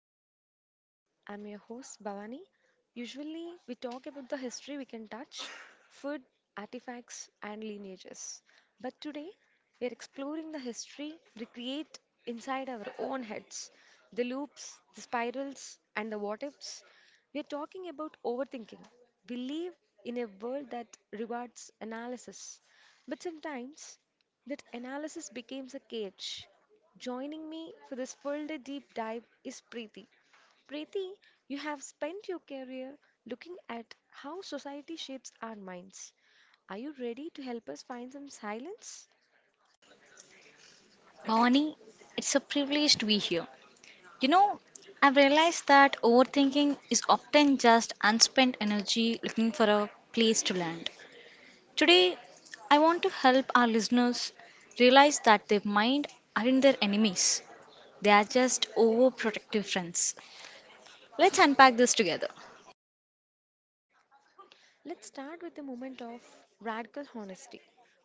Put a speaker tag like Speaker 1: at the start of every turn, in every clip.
Speaker 1: to the Sensory Achieve. I'm your host Bhavani. Usually, we talk about the history we can touch, food, artifacts, and lineages. But today, we are exploring the history we create inside our own heads, the loops, the spirals, and the what ifs. We are talking about overthinking. We live in a world that rewards analysis, but sometimes that analysis becomes a cage. Joining me for this full day deep dive is Preeti. Preeti, you have spent your career looking at how society shapes our minds. Are you ready to help us find some silence?
Speaker 2: Bonnie, it's a privilege to be here. You know, I've realized that overthinking is often just unspent energy looking for a place to land. Today, I want to help our listeners realize that their mind aren't their enemies, they are just overprotective friends. Let's unpack this together.
Speaker 1: Let's start with the moment of radical honesty.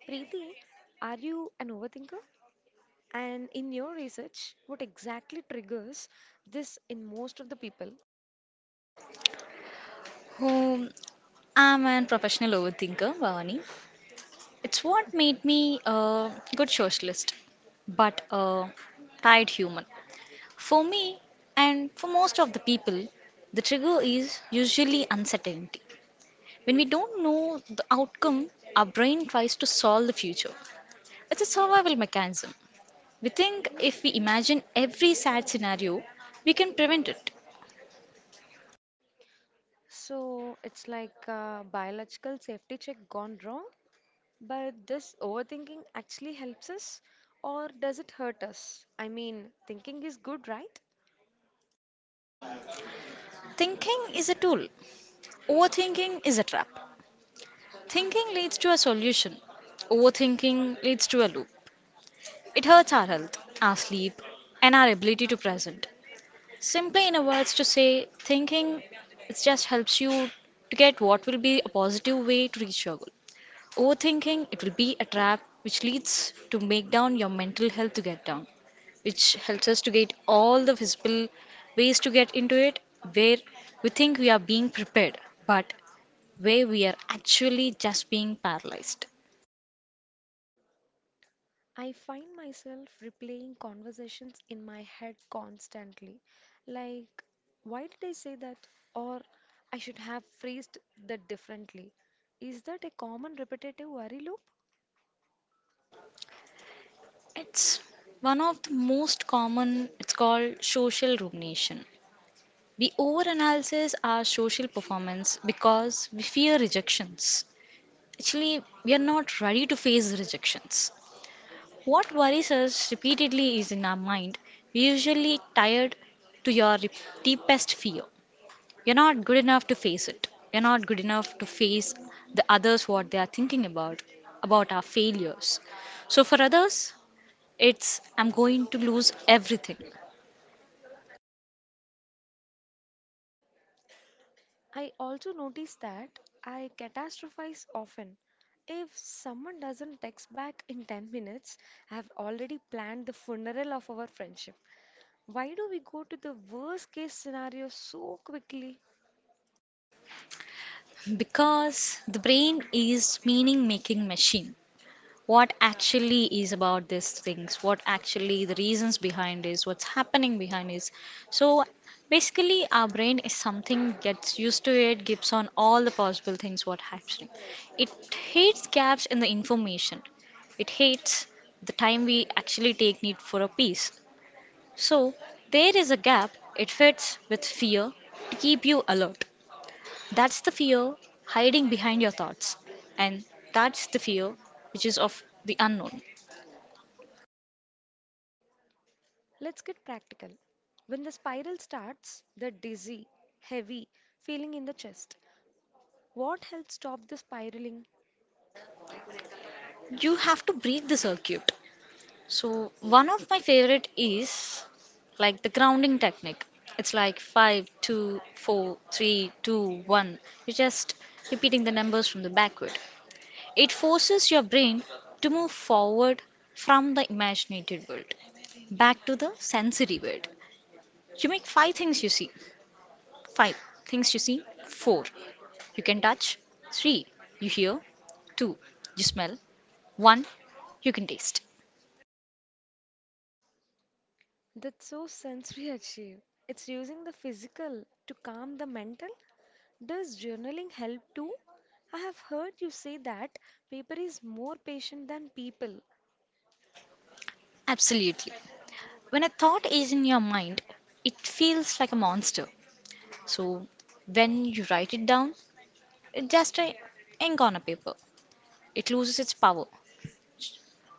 Speaker 1: Preeti, are you an overthinker? And in your research, what exactly triggers this in most of the people?
Speaker 2: Who I'm a professional overthinker, Bonnie. It's what made me a good socialist, but a tired human. For me, and for most of the people, the trigger is usually uncertainty. When we don't know the outcome, our brain tries to solve the future. It's a survival mechanism. We think if we imagine every sad scenario, we can prevent it.
Speaker 1: So it's like a biological safety check gone wrong? But this overthinking actually helps us, or does it hurt us? I mean, thinking is good, right?
Speaker 2: Thinking is a tool, overthinking is a trap. Thinking leads to a solution, overthinking leads to a loop. It hurts our health, our sleep, and our ability to present. Simply in a words to say, thinking it just helps you to get what will be a positive way to reach your goal. Overthinking it will be a trap which leads to make down your mental health to get down, which helps us to get all the visible ways to get into it where we think we are being prepared, but where we are actually just being paralyzed.
Speaker 1: I find myself replaying conversations in my head constantly. Like, why did I say that? Or I should have phrased that differently. Is that a common repetitive worry loop?
Speaker 2: It's one of the most common, it's called social rumination. We overanalyze our social performance because we fear rejections. Actually, we are not ready to face rejections. What worries us repeatedly is in our mind. We usually tired to your deepest fear. You're not good enough to face it. You're not good enough to face the others what they are thinking about our failures. So for others, it's I'm going to lose everything
Speaker 1: I also notice that I catastrophize often. If someone doesn't text back in 10 minutes, I have already planned the funeral of our friendship. Why do we go to the worst case scenario so quickly?
Speaker 2: because the brain is meaning making machine, what actually is about these things, what actually the reasons behind is, what's happening behind is. So basically our brain is something gets used to it, gives on all the possible things what happening. It hates gaps in the information, it hates the time we actually take need for a piece. So there is a gap, it fits with fear to keep you alert. That's the fear hiding behind your thoughts, and that's the fear which is of the unknown.
Speaker 1: Let's get practical. When the spiral starts, the dizzy, heavy feeling in the chest, what helps stop the spiraling?
Speaker 2: You have to break the circuit. So, one of my favorite is like the grounding technique. It's like five, two, four, three, two, one. You're just repeating the numbers from the backward. It forces your brain to move forward from the imaginated world back to the sensory world. You make five things you see, four you can touch, three you hear, two you smell, one you can taste.
Speaker 1: That's so sensory achieve. It's using the physical to calm the mental. Does journaling help too? I have heard you say that paper is more patient than people.
Speaker 2: Absolutely. When a thought is in your mind, it feels like a monster. So when you write it down, it's just a ink on a paper. It loses its power.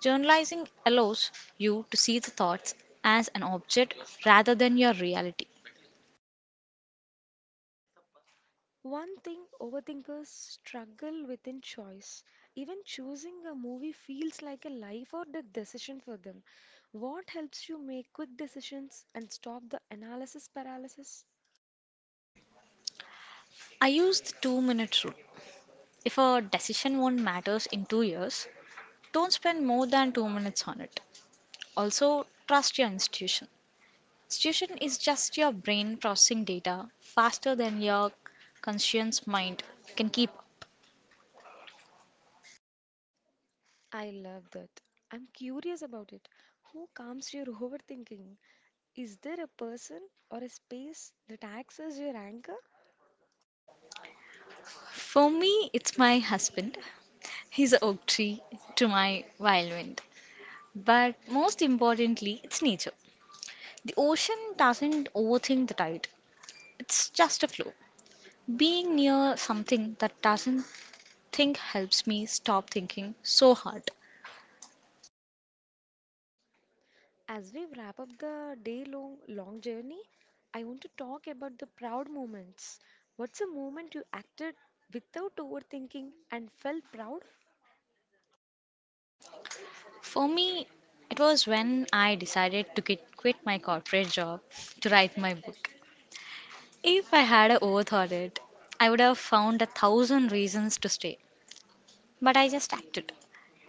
Speaker 2: Journalizing allows you to see the thoughts as an object rather than your reality.
Speaker 1: One thing overthinkers struggle with in choice. Even choosing a movie feels like a life or death decision for them. What helps you make quick decisions and stop the analysis paralysis?
Speaker 2: I use the two-minute rule. If a decision won't matters in 2 years, don't spend more than 2 minutes on it. Also, trust your institution. Intuition is just your brain processing data faster than your conscious mind can keep up.
Speaker 1: I love that. I'm curious about it. Who calms your overthinking? Is there a person or a space that acts as your anchor?
Speaker 2: For me, it's my husband. He's a oak tree to my violin. But most importantly, it's nature. The ocean doesn't overthink the tide, it's just a flow. Being near something that doesn't think helps me stop thinking so hard.
Speaker 1: As we wrap up the day long journey, I want to talk about the proud moments. What's a moment you acted without overthinking and felt proud?
Speaker 2: For me, it was when I decided to quit my corporate job to write my book. If I had a oath on it, I would have found a thousand reasons to stay. But I just acted.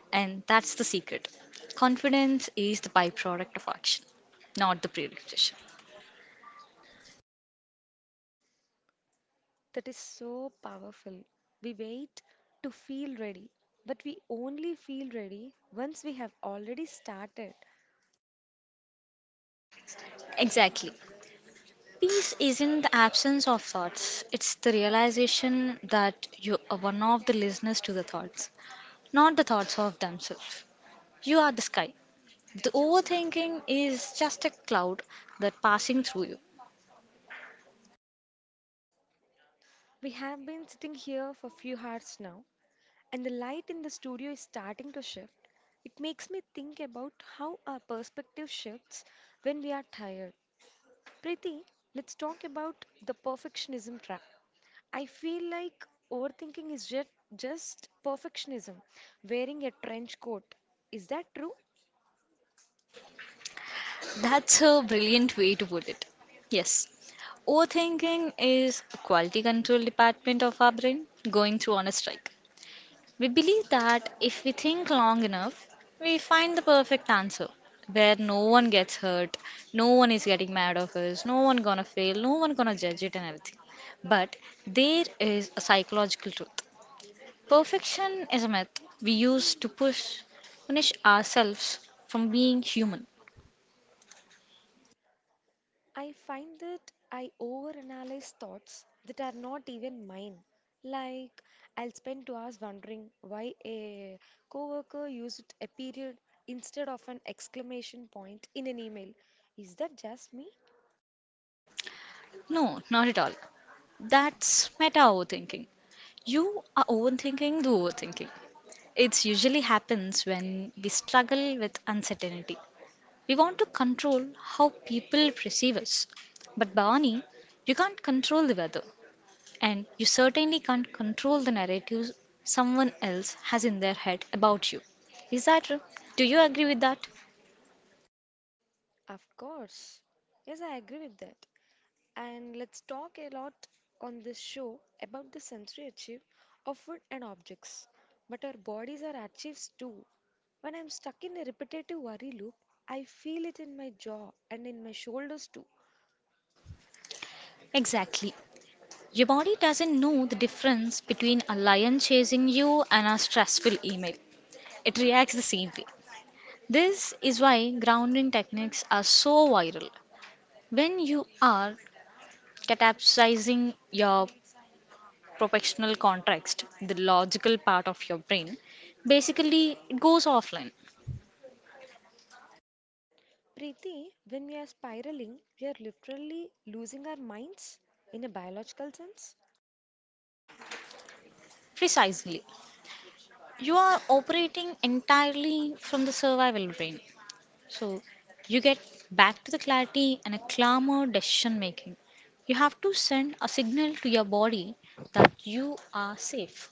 Speaker 2: And that's the secret. Confidence is the byproduct of action, not the prerequisite.
Speaker 1: That is so powerful. We wait to feel ready, but we only feel ready once we have already started.
Speaker 2: Exactly. Peace isn't the absence of thoughts, it's the realization that you are one of the listeners to the thoughts, not the thoughts of themselves. You are the sky. The overthinking is just a cloud that passing through you.
Speaker 1: We have been sitting here for a few hours now, and the light in the studio is starting to shift. It makes me think about how our perspective shifts when we are tired. Preeti, let's talk about the perfectionism trap. I feel like overthinking is just perfectionism, wearing a trench coat. Is that true?
Speaker 2: That's a brilliant way to put it. Yes. Overthinking is a quality control department of our brain going through on a strike. We believe that if we think long enough, we find the perfect answer where no one gets hurt, no one is getting mad of us, no one gonna fail, no one gonna judge it and everything. But there is a psychological truth. Perfection is a myth we use to push punish ourselves from being human.
Speaker 1: I find that I overanalyze thoughts that are not even mine. Like, I'll spend 2 hours wondering why a coworker used a period instead of an exclamation point in an email. Is that just me?
Speaker 2: No, not at all. That's meta overthinking. You are overthinking the overthinking. It usually happens when we struggle with uncertainty. We want to control how people perceive us. But Bhavani, you can't control the weather, and you certainly can't control the narratives someone else has in their head about you. Is that true? Do you agree with that?
Speaker 1: Of course. Yes, I agree with that. And let's talk a lot on this show about the sensory achieve of food and objects. But our bodies are achieves too. When I'm stuck in a repetitive worry loop, I feel it in my jaw and in my shoulders too.
Speaker 2: Exactly. Your body doesn't know the difference between a lion chasing you and a stressful email. It reacts the same way. This is why grounding techniques are so viral. When you are capsizing your professional context, the logical part of your brain, basically it goes offline.
Speaker 1: Preeti, when we are spiraling, we are literally losing our minds in a biological sense.
Speaker 2: Precisely. You are operating entirely from the survival brain. So you get back to the clarity and a calmer decision making. You have to send a signal to your body that you are safe.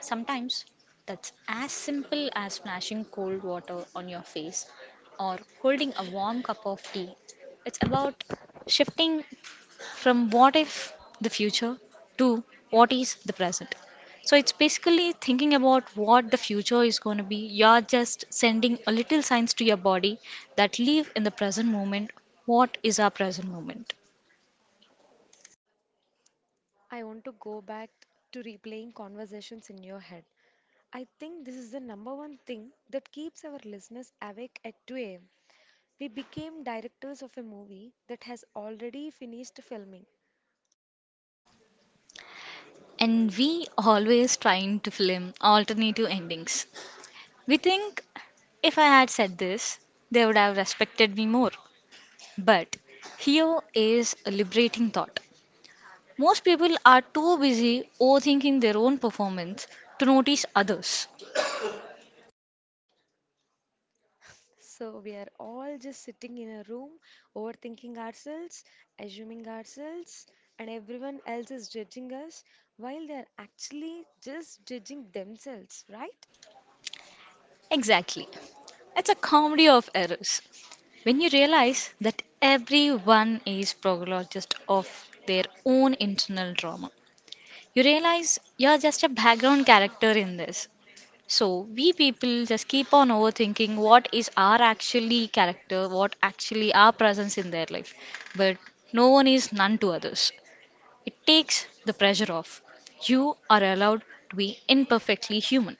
Speaker 2: Sometimes that's as simple as splashing cold water on your face or holding a warm cup of tea. It's about shifting from what if the future to what is the present. So it's basically thinking about what the future is going to be. You're just sending a little signs to your body that live in the present moment. What is our present moment?
Speaker 1: I want to go back to replaying conversations in your head. I think this is the number one thing that keeps our listeners awake at 2 a.m. We became directors of a movie that has already finished filming.
Speaker 2: And we always trying to film alternative endings. We think, if I had said this, they would have respected me more. But here is a liberating thought. Most people are too busy overthinking their own performance to notice others.
Speaker 1: So we are all just sitting in a room, overthinking ourselves, assuming ourselves, and everyone else is judging us while they are actually just judging themselves, right?
Speaker 2: Exactly. It's a comedy of errors. When you realize that everyone is prologist of their own internal drama, you realize you're just a background character in this. So we people just keep on overthinking what is our actually character, what actually our presence in their life. But no one is none to others. It takes the pressure off. You are allowed to be imperfectly human.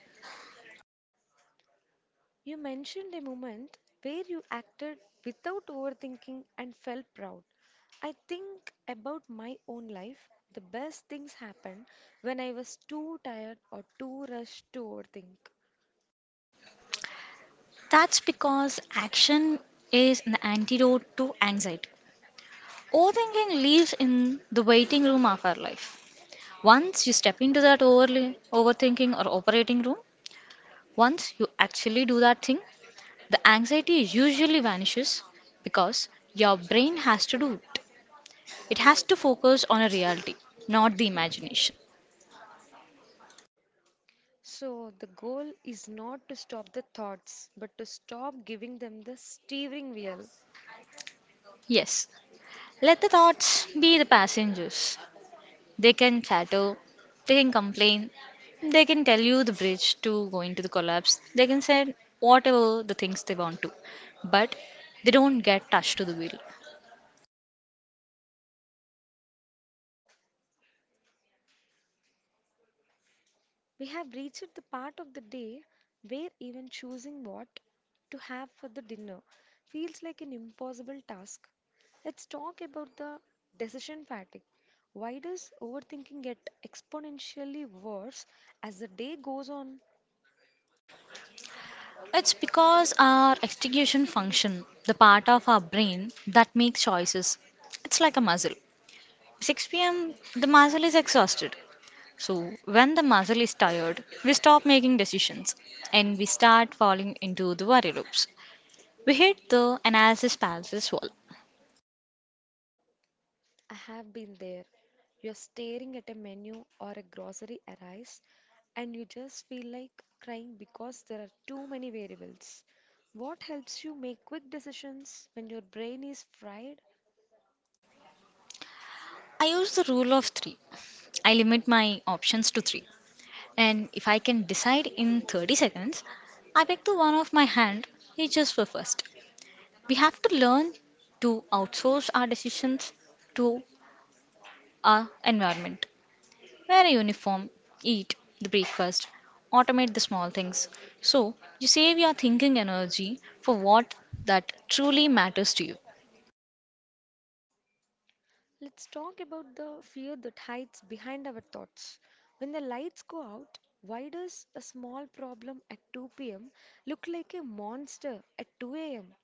Speaker 1: You mentioned a moment where you acted without overthinking and felt proud. I think about my own life. The best things happen when I was too tired or too rushed to overthink.
Speaker 2: That's because action is an antidote to anxiety. Overthinking lives in the waiting room of our life. Once you step into that overthinking or operating room, once you actually do that thing, the anxiety usually vanishes because your brain has to do it. It has to focus on a reality, not the imagination.
Speaker 1: So, the goal is not to stop the thoughts, but to stop giving them the steering wheel.
Speaker 2: Yes, let the thoughts be the passengers. They can chatter, they can complain, they can tell you the bridge to go into the collapse, they can say whatever the things they want to, but they don't get touched to the wheel.
Speaker 1: We have reached the part of the day where even choosing what to have for the dinner feels like an impossible task. Let's talk about the decision fatigue. Why does overthinking get exponentially worse as the day goes on?
Speaker 2: It's because our execution function, the part of our brain that makes choices, it's like a muscle. 6 p.m., the muscle is exhausted. So, when the muscle is tired, we stop making decisions and we start falling into the worry loops. We hit the analysis paralysis wall.
Speaker 1: I have been there. You're staring at a menu or a grocery arrives, and you just feel like crying because there are too many variables. What helps you make quick decisions when your brain is fried?
Speaker 2: I use the rule of three. I limit my options to three. And if I can decide in 30 seconds, I pick the one of my hand reaches for first. We have to learn to outsource our decisions to our environment. Wear a uniform, eat the breakfast, automate the small things. So you save your thinking energy for what that truly matters to you.
Speaker 1: Let's talk about the fear that hides behind our thoughts. When the lights go out, why does a small problem at 2 p.m. look like a monster at 2 a.m.?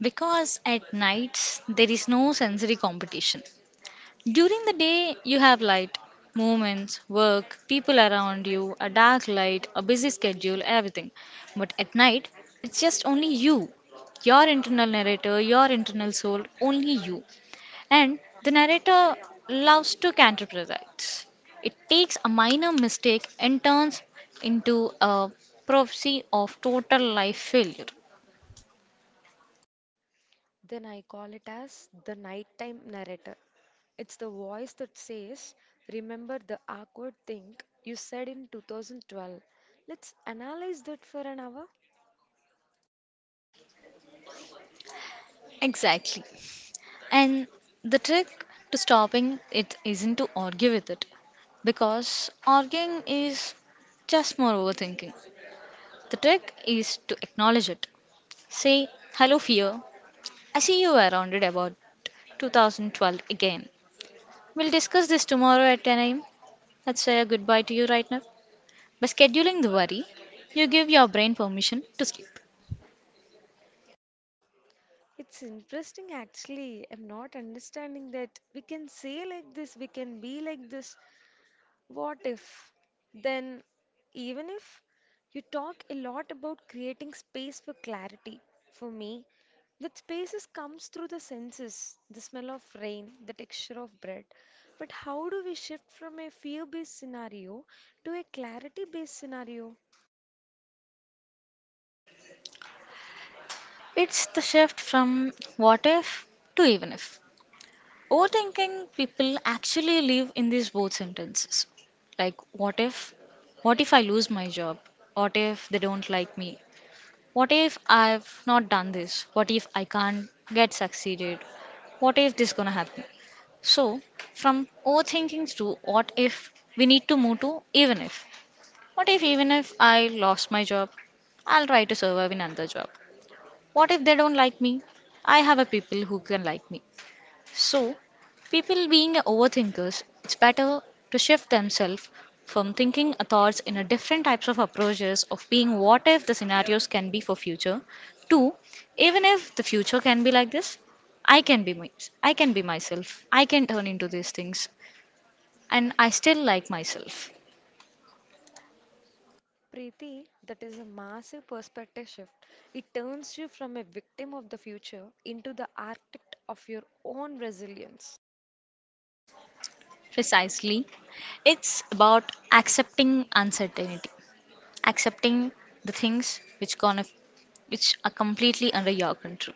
Speaker 2: Because at night there is no sensory competition. During the day you have light, movements, work, people around you, a dark light, a busy schedule, everything. But at night it's just only you, your internal narrator, your internal soul, only you. And the narrator loves to counterproducts. It takes a minor mistake and turns into a prophecy of total life failure.
Speaker 1: Then I call it as the nighttime narrator. It's the voice that says, "Remember the awkward thing you said in 2012. Let's analyze that for an hour."
Speaker 2: Exactly. And the trick to stopping it isn't to argue with it, because arguing is just more overthinking. The trick is to acknowledge it. Say, hello, fear. I see you were rounded about 2012 again. We'll discuss this tomorrow at 10 a.m. Let's say a goodbye to you right now. By scheduling the worry, you give your brain permission to sleep.
Speaker 1: It's interesting actually. I'm not understanding that we can say like this, we can be like this. What if? Then, even if you talk a lot about creating space for clarity, for me, that spaces comes through the senses, the smell of rain, the texture of bread. But how do we shift from a fear-based scenario to a clarity-based scenario?
Speaker 2: It's the shift from what if to even if. Overthinking people actually live in these both sentences. Like, what if? What if I lose my job? What if they don't like me? What if I've not done this? What if I can't get succeeded? What if this gonna happen? So, from overthinking to what if, we need to move to even if. What if even if I lost my job, I'll try to survive in another job? What if they don't like me? I have a people who can like me. So, people being overthinkers, it's better to shift themselves from thinking thoughts in a different types of approaches of being what if the scenarios can be for future to even if the future can be like this, I can be my, I can be myself. I can turn into these things, and I still like myself.
Speaker 1: Preeti, that is a massive perspective shift. It turns you from a victim of the future into the architect of your own resilience.
Speaker 2: Precisely. It's about accepting uncertainty, accepting the things which gonna, which are completely under your control.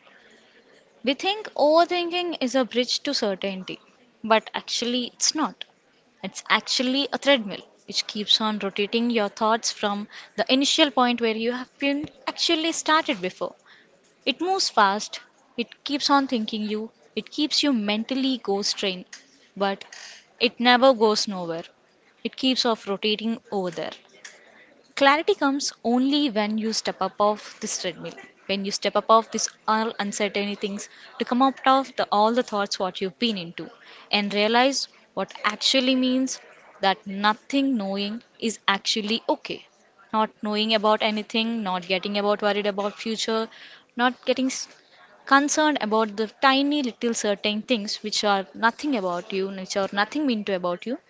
Speaker 2: We think overthinking is a bridge to certainty, but actually it's not. It's actually a treadmill which keeps on rotating your thoughts from the initial point where you have been actually started before. It moves fast, it keeps on thinking you, it keeps you mentally ghost trained, but it never goes nowhere. It keeps off rotating over there. Clarity comes only when you step up off this treadmill, when you step up off this all uncertainty things to come out of the, all the thoughts what you've been into and realize what actually means that nothing knowing is actually okay. Not knowing about anything, not getting about worried about future, not getting s- concerned about the tiny little certain things which are nothing about you, which are nothing mean to about you,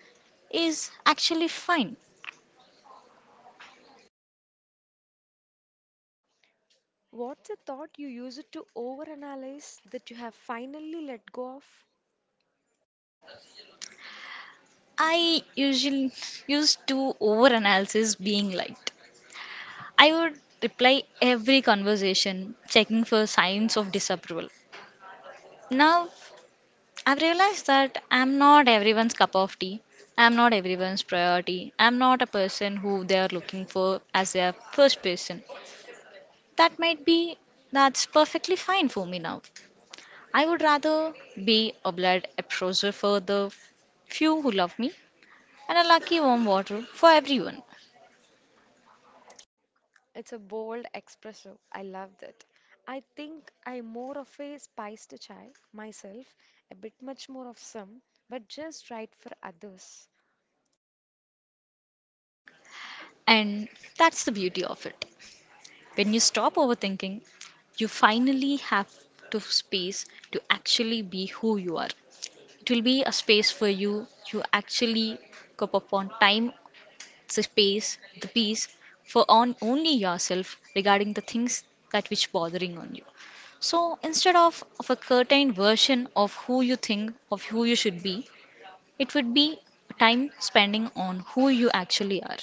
Speaker 2: is actually fine.
Speaker 1: What's a thought you used to overanalyze that you have finally let go of?
Speaker 2: I usually used to overanalysis being liked. I would reply every conversation, checking for signs of disapproval. Now, I've realized that I'm not everyone's cup of tea. I'm not everyone's priority. I'm not a person who they are looking for as their first person. That might be, that's perfectly fine for me now. I would rather be a blood appraiser for the few who love me and a lucky warm water for everyone.
Speaker 1: It's a bold espresso. I love that. I think I'm more of a spiced chai myself, a bit much more of some, but just right for others.
Speaker 2: And that's the beauty of it. When you stop overthinking, you finally have to space to actually be who you are. It will be a space for you to actually cup upon time, the space, the peace for on only yourself regarding the things that which bothering on you. So instead of a curtained version of who you think of who you should be, it would be time spending on who you actually are.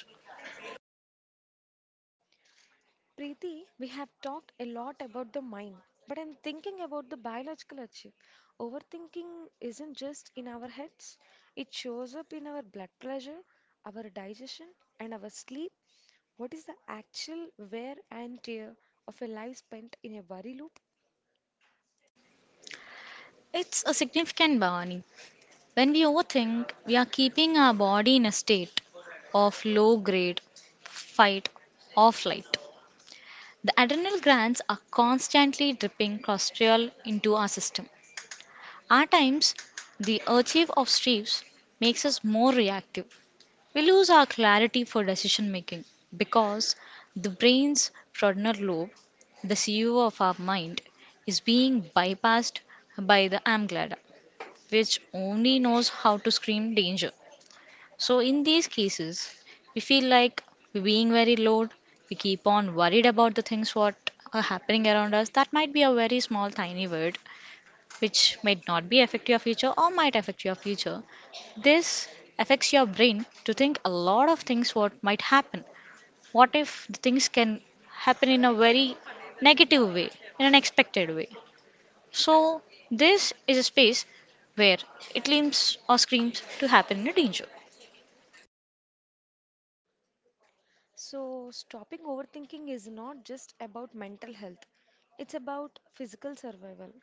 Speaker 1: Preeti, we have talked a lot about the mind, but I'm thinking about the biological achieve. Overthinking isn't just in our heads, it shows up in our blood pressure, our digestion, and our sleep. What is the actual wear and tear of a life spent in a worry loop?
Speaker 2: It's a significant, Bhavani. When we overthink, we are keeping our body in a state of low grade fight or flight. The adrenal glands are constantly dripping cortisol into our system. At times, the achieve of stress makes us more reactive. We lose our clarity for decision making because the brain's frontal lobe, the CEO of our mind, is being bypassed by the amygdala, which only knows how to scream danger. So, in these cases, we feel like we're being very low, we keep on worried about the things what are happening around us. That might be a very small, tiny word which might not be affect your future or might affect your future. This affects your brain to think a lot of things what might happen. What if the things can happen in a very negative way, in an expected way? So, this is a space where it leans or screams to happen in a danger.
Speaker 1: So, stopping overthinking is not just about mental health, it's about physical survival.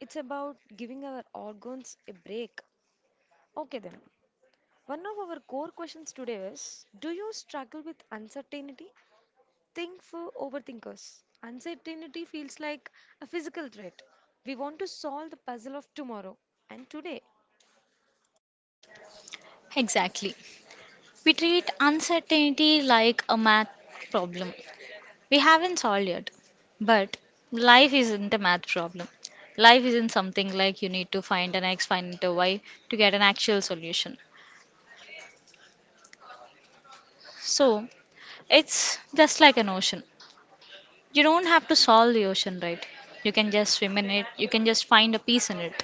Speaker 1: It's about giving our organs a break. Okay, then, one of our core questions today is, do you struggle with uncertainty? Think for overthinkers. Uncertainty feels like a physical threat. We want to solve the puzzle of tomorrow and today.
Speaker 2: Exactly. We treat uncertainty like a math problem we haven't solved yet. But life isn't a math problem. Life isn't something like you need to find an x, find a y to get an actual solution. So it's just like an ocean. You don't have to solve the ocean, right? You can just swim in it, you can just find a piece in it.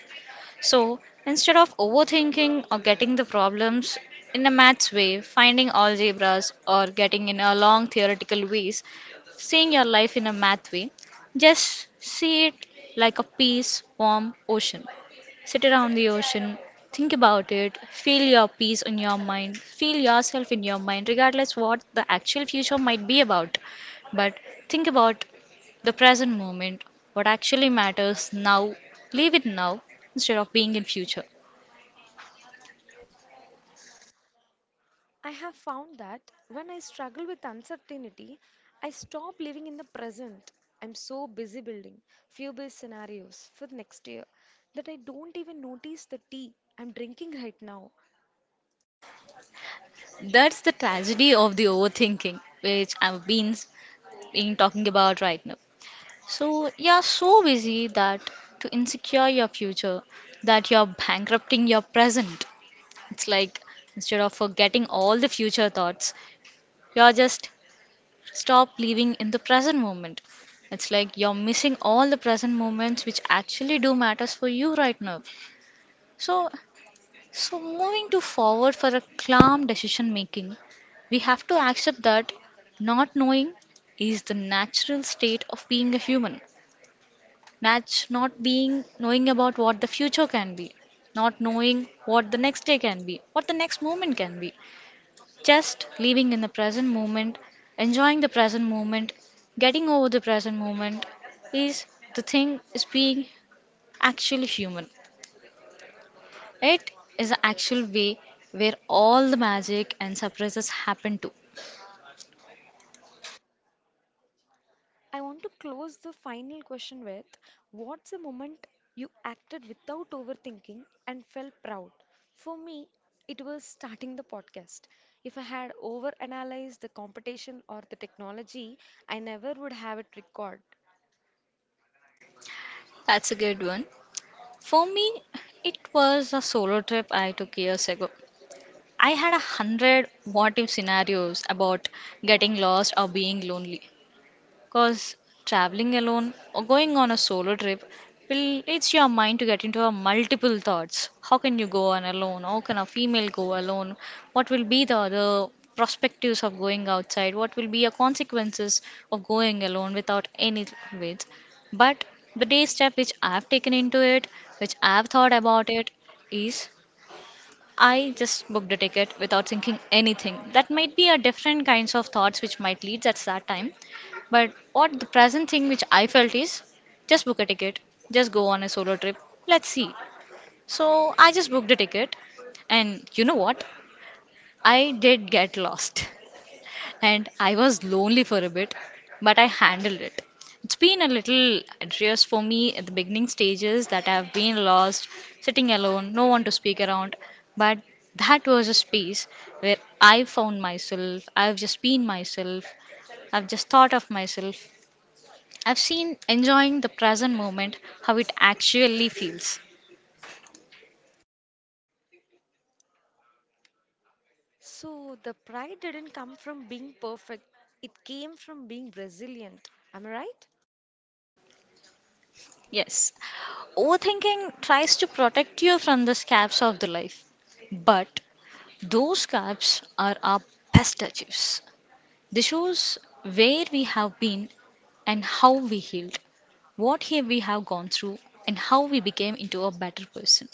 Speaker 2: So instead of overthinking or getting the problems in a maths way, finding algebras or getting in a long theoretical ways, seeing your life in a math way, just see it like a peace, warm ocean. Sit around the ocean, think about it, feel your peace in your mind, feel yourself in your mind, regardless what the actual future might be about. But think about the present moment, what actually matters now, live it now instead of being in future.
Speaker 1: I have found that when I struggle with uncertainty, I stop living in the present. I'm so busy building fear based scenarios for next year that I don't even notice the tea I'm drinking right now.
Speaker 2: That's the tragedy of the overthinking, which I've been talking about right now. So you're so busy that to insecure your future, that you're bankrupting your present. It's like instead of forgetting all the future thoughts, you're just stop living in the present moment. It's like you're missing all the present moments which actually do matters for you right now. So So, moving to forward for a calm decision making, we have to accept that not knowing is the natural state of being a human. Not being knowing about what the future can be, not knowing what the next day can be, what the next moment can be. Just living in the present moment, enjoying the present moment, getting over the present moment is the thing is being actually human. It is the actual way where all the magic and surprises happen too.
Speaker 1: I want to close the final question with, what's the moment you acted without overthinking and felt proud? For me, it was starting the podcast. If I had overanalyzed the competition or the technology, I never would have it recorded.
Speaker 2: That's a good one. For me, it was a solo trip I took years ago. I had a hundred what if scenarios about getting lost or being lonely. Because traveling alone or going on a solo trip will it's your mind to get into a multiple thoughts. How can you go on alone? How can a female go alone? What will be the other perspectives of going outside? What will be your consequences of going alone without any weights? But the day step which I've taken into it, which I've thought about it, is I just booked a ticket without thinking anything. That might be a different kinds of thoughts which might lead at that time. But what the present thing which I felt is just book a ticket, just go on a solo trip. Let's see. So I just booked a ticket and you know what? I did get lost. And I was lonely for a bit, but I handled it. It's been a little adverse for me at the beginning stages that I've been lost, sitting alone, no one to speak around, but that was a space where I found myself, I've just been myself, I've just thought of myself. I've seen enjoying the present moment, how it actually feels.
Speaker 1: So the pride didn't come from being perfect, it came from being resilient. Am I right?
Speaker 2: Yes. Overthinking tries to protect you from the scabs of the life. But those gaps are our best touches. They shows where we have been and how we healed, we have gone through, and how we became into a better person.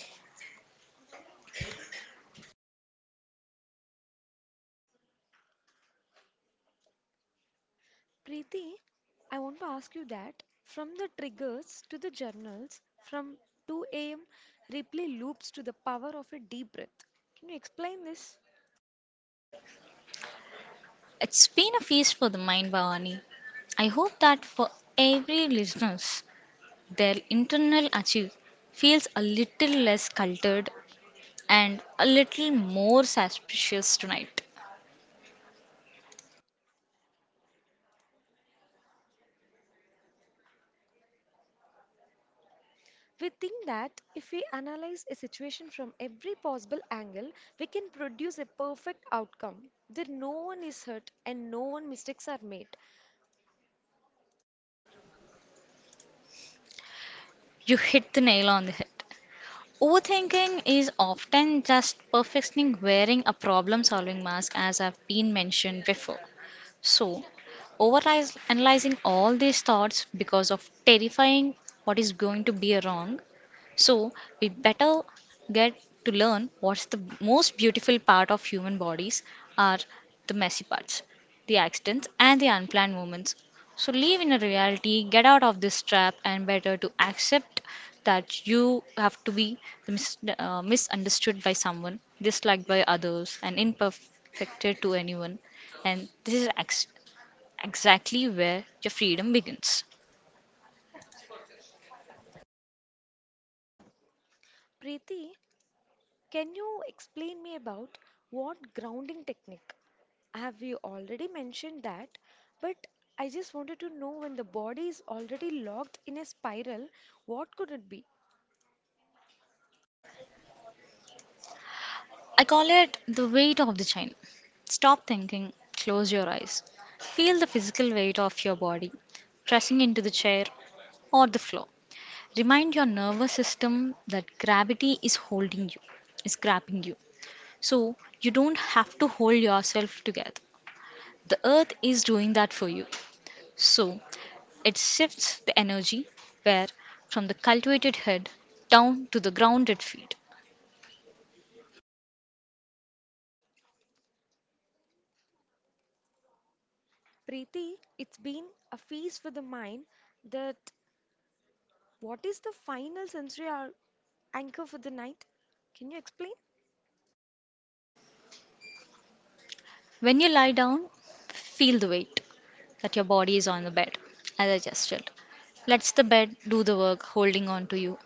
Speaker 1: Preeti, I want to ask you that from the triggers to the journals, from 2 a.m. replay loops to the power of a deep breath. Can you explain this?
Speaker 2: It's been a feast for the mind, Bhavani. I hope that for every listeners, their internal achieve feels a little less cultured and a little more suspicious tonight.
Speaker 1: We think that if we analyze a situation from every possible angle, we can produce a perfect outcome. There, no one is hurt and no one mistakes are made.
Speaker 2: You hit the nail on the head. Overthinking is often just perfectionism wearing a problem solving mask, as I've been mentioned before. So, over analyzing all these thoughts because of terrifying what is going to be wrong, so we better get to learn what's the most beautiful part of human bodies are the messy parts, the accidents and the unplanned moments. So live in a reality, get out of this trap and better to accept that you have to be misunderstood by someone, disliked by others and imperfected to anyone. And this is exactly where your freedom begins.
Speaker 1: Preeti, can you explain me about what grounding technique? Have you already mentioned that? But I just wanted to know, when the body is already locked in a spiral, what could it be?
Speaker 2: I call it the weight of the chain. Stop thinking, close your eyes. Feel the physical weight of your body pressing into the chair or the floor. Remind your nervous system that gravity is holding you, is grabbing you. So you don't have to hold yourself together. The earth is doing that for you. So it shifts the energy where from the cultivated head down to the grounded feet.
Speaker 1: Preeti, it's been a feast for the mind. That, what is the final sensory ar- anchor for the night? Can you explain?
Speaker 2: When you lie down, feel the weight that your body is on the bed, as I just did. Let's the bed do the work, holding on to you,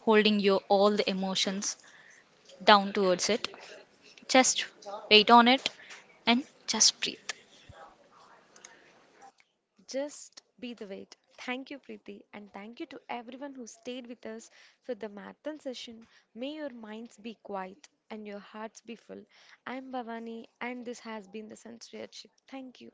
Speaker 2: holding your all the emotions down towards it. Just wait on it and just breathe.
Speaker 1: Just be the wait. Thank you, Preeti, and thank you to everyone who stayed with us for the marathon session. May your minds be quiet and your hearts be full. I'm Bhavani, and this has been the Sensory Chip. Thank you.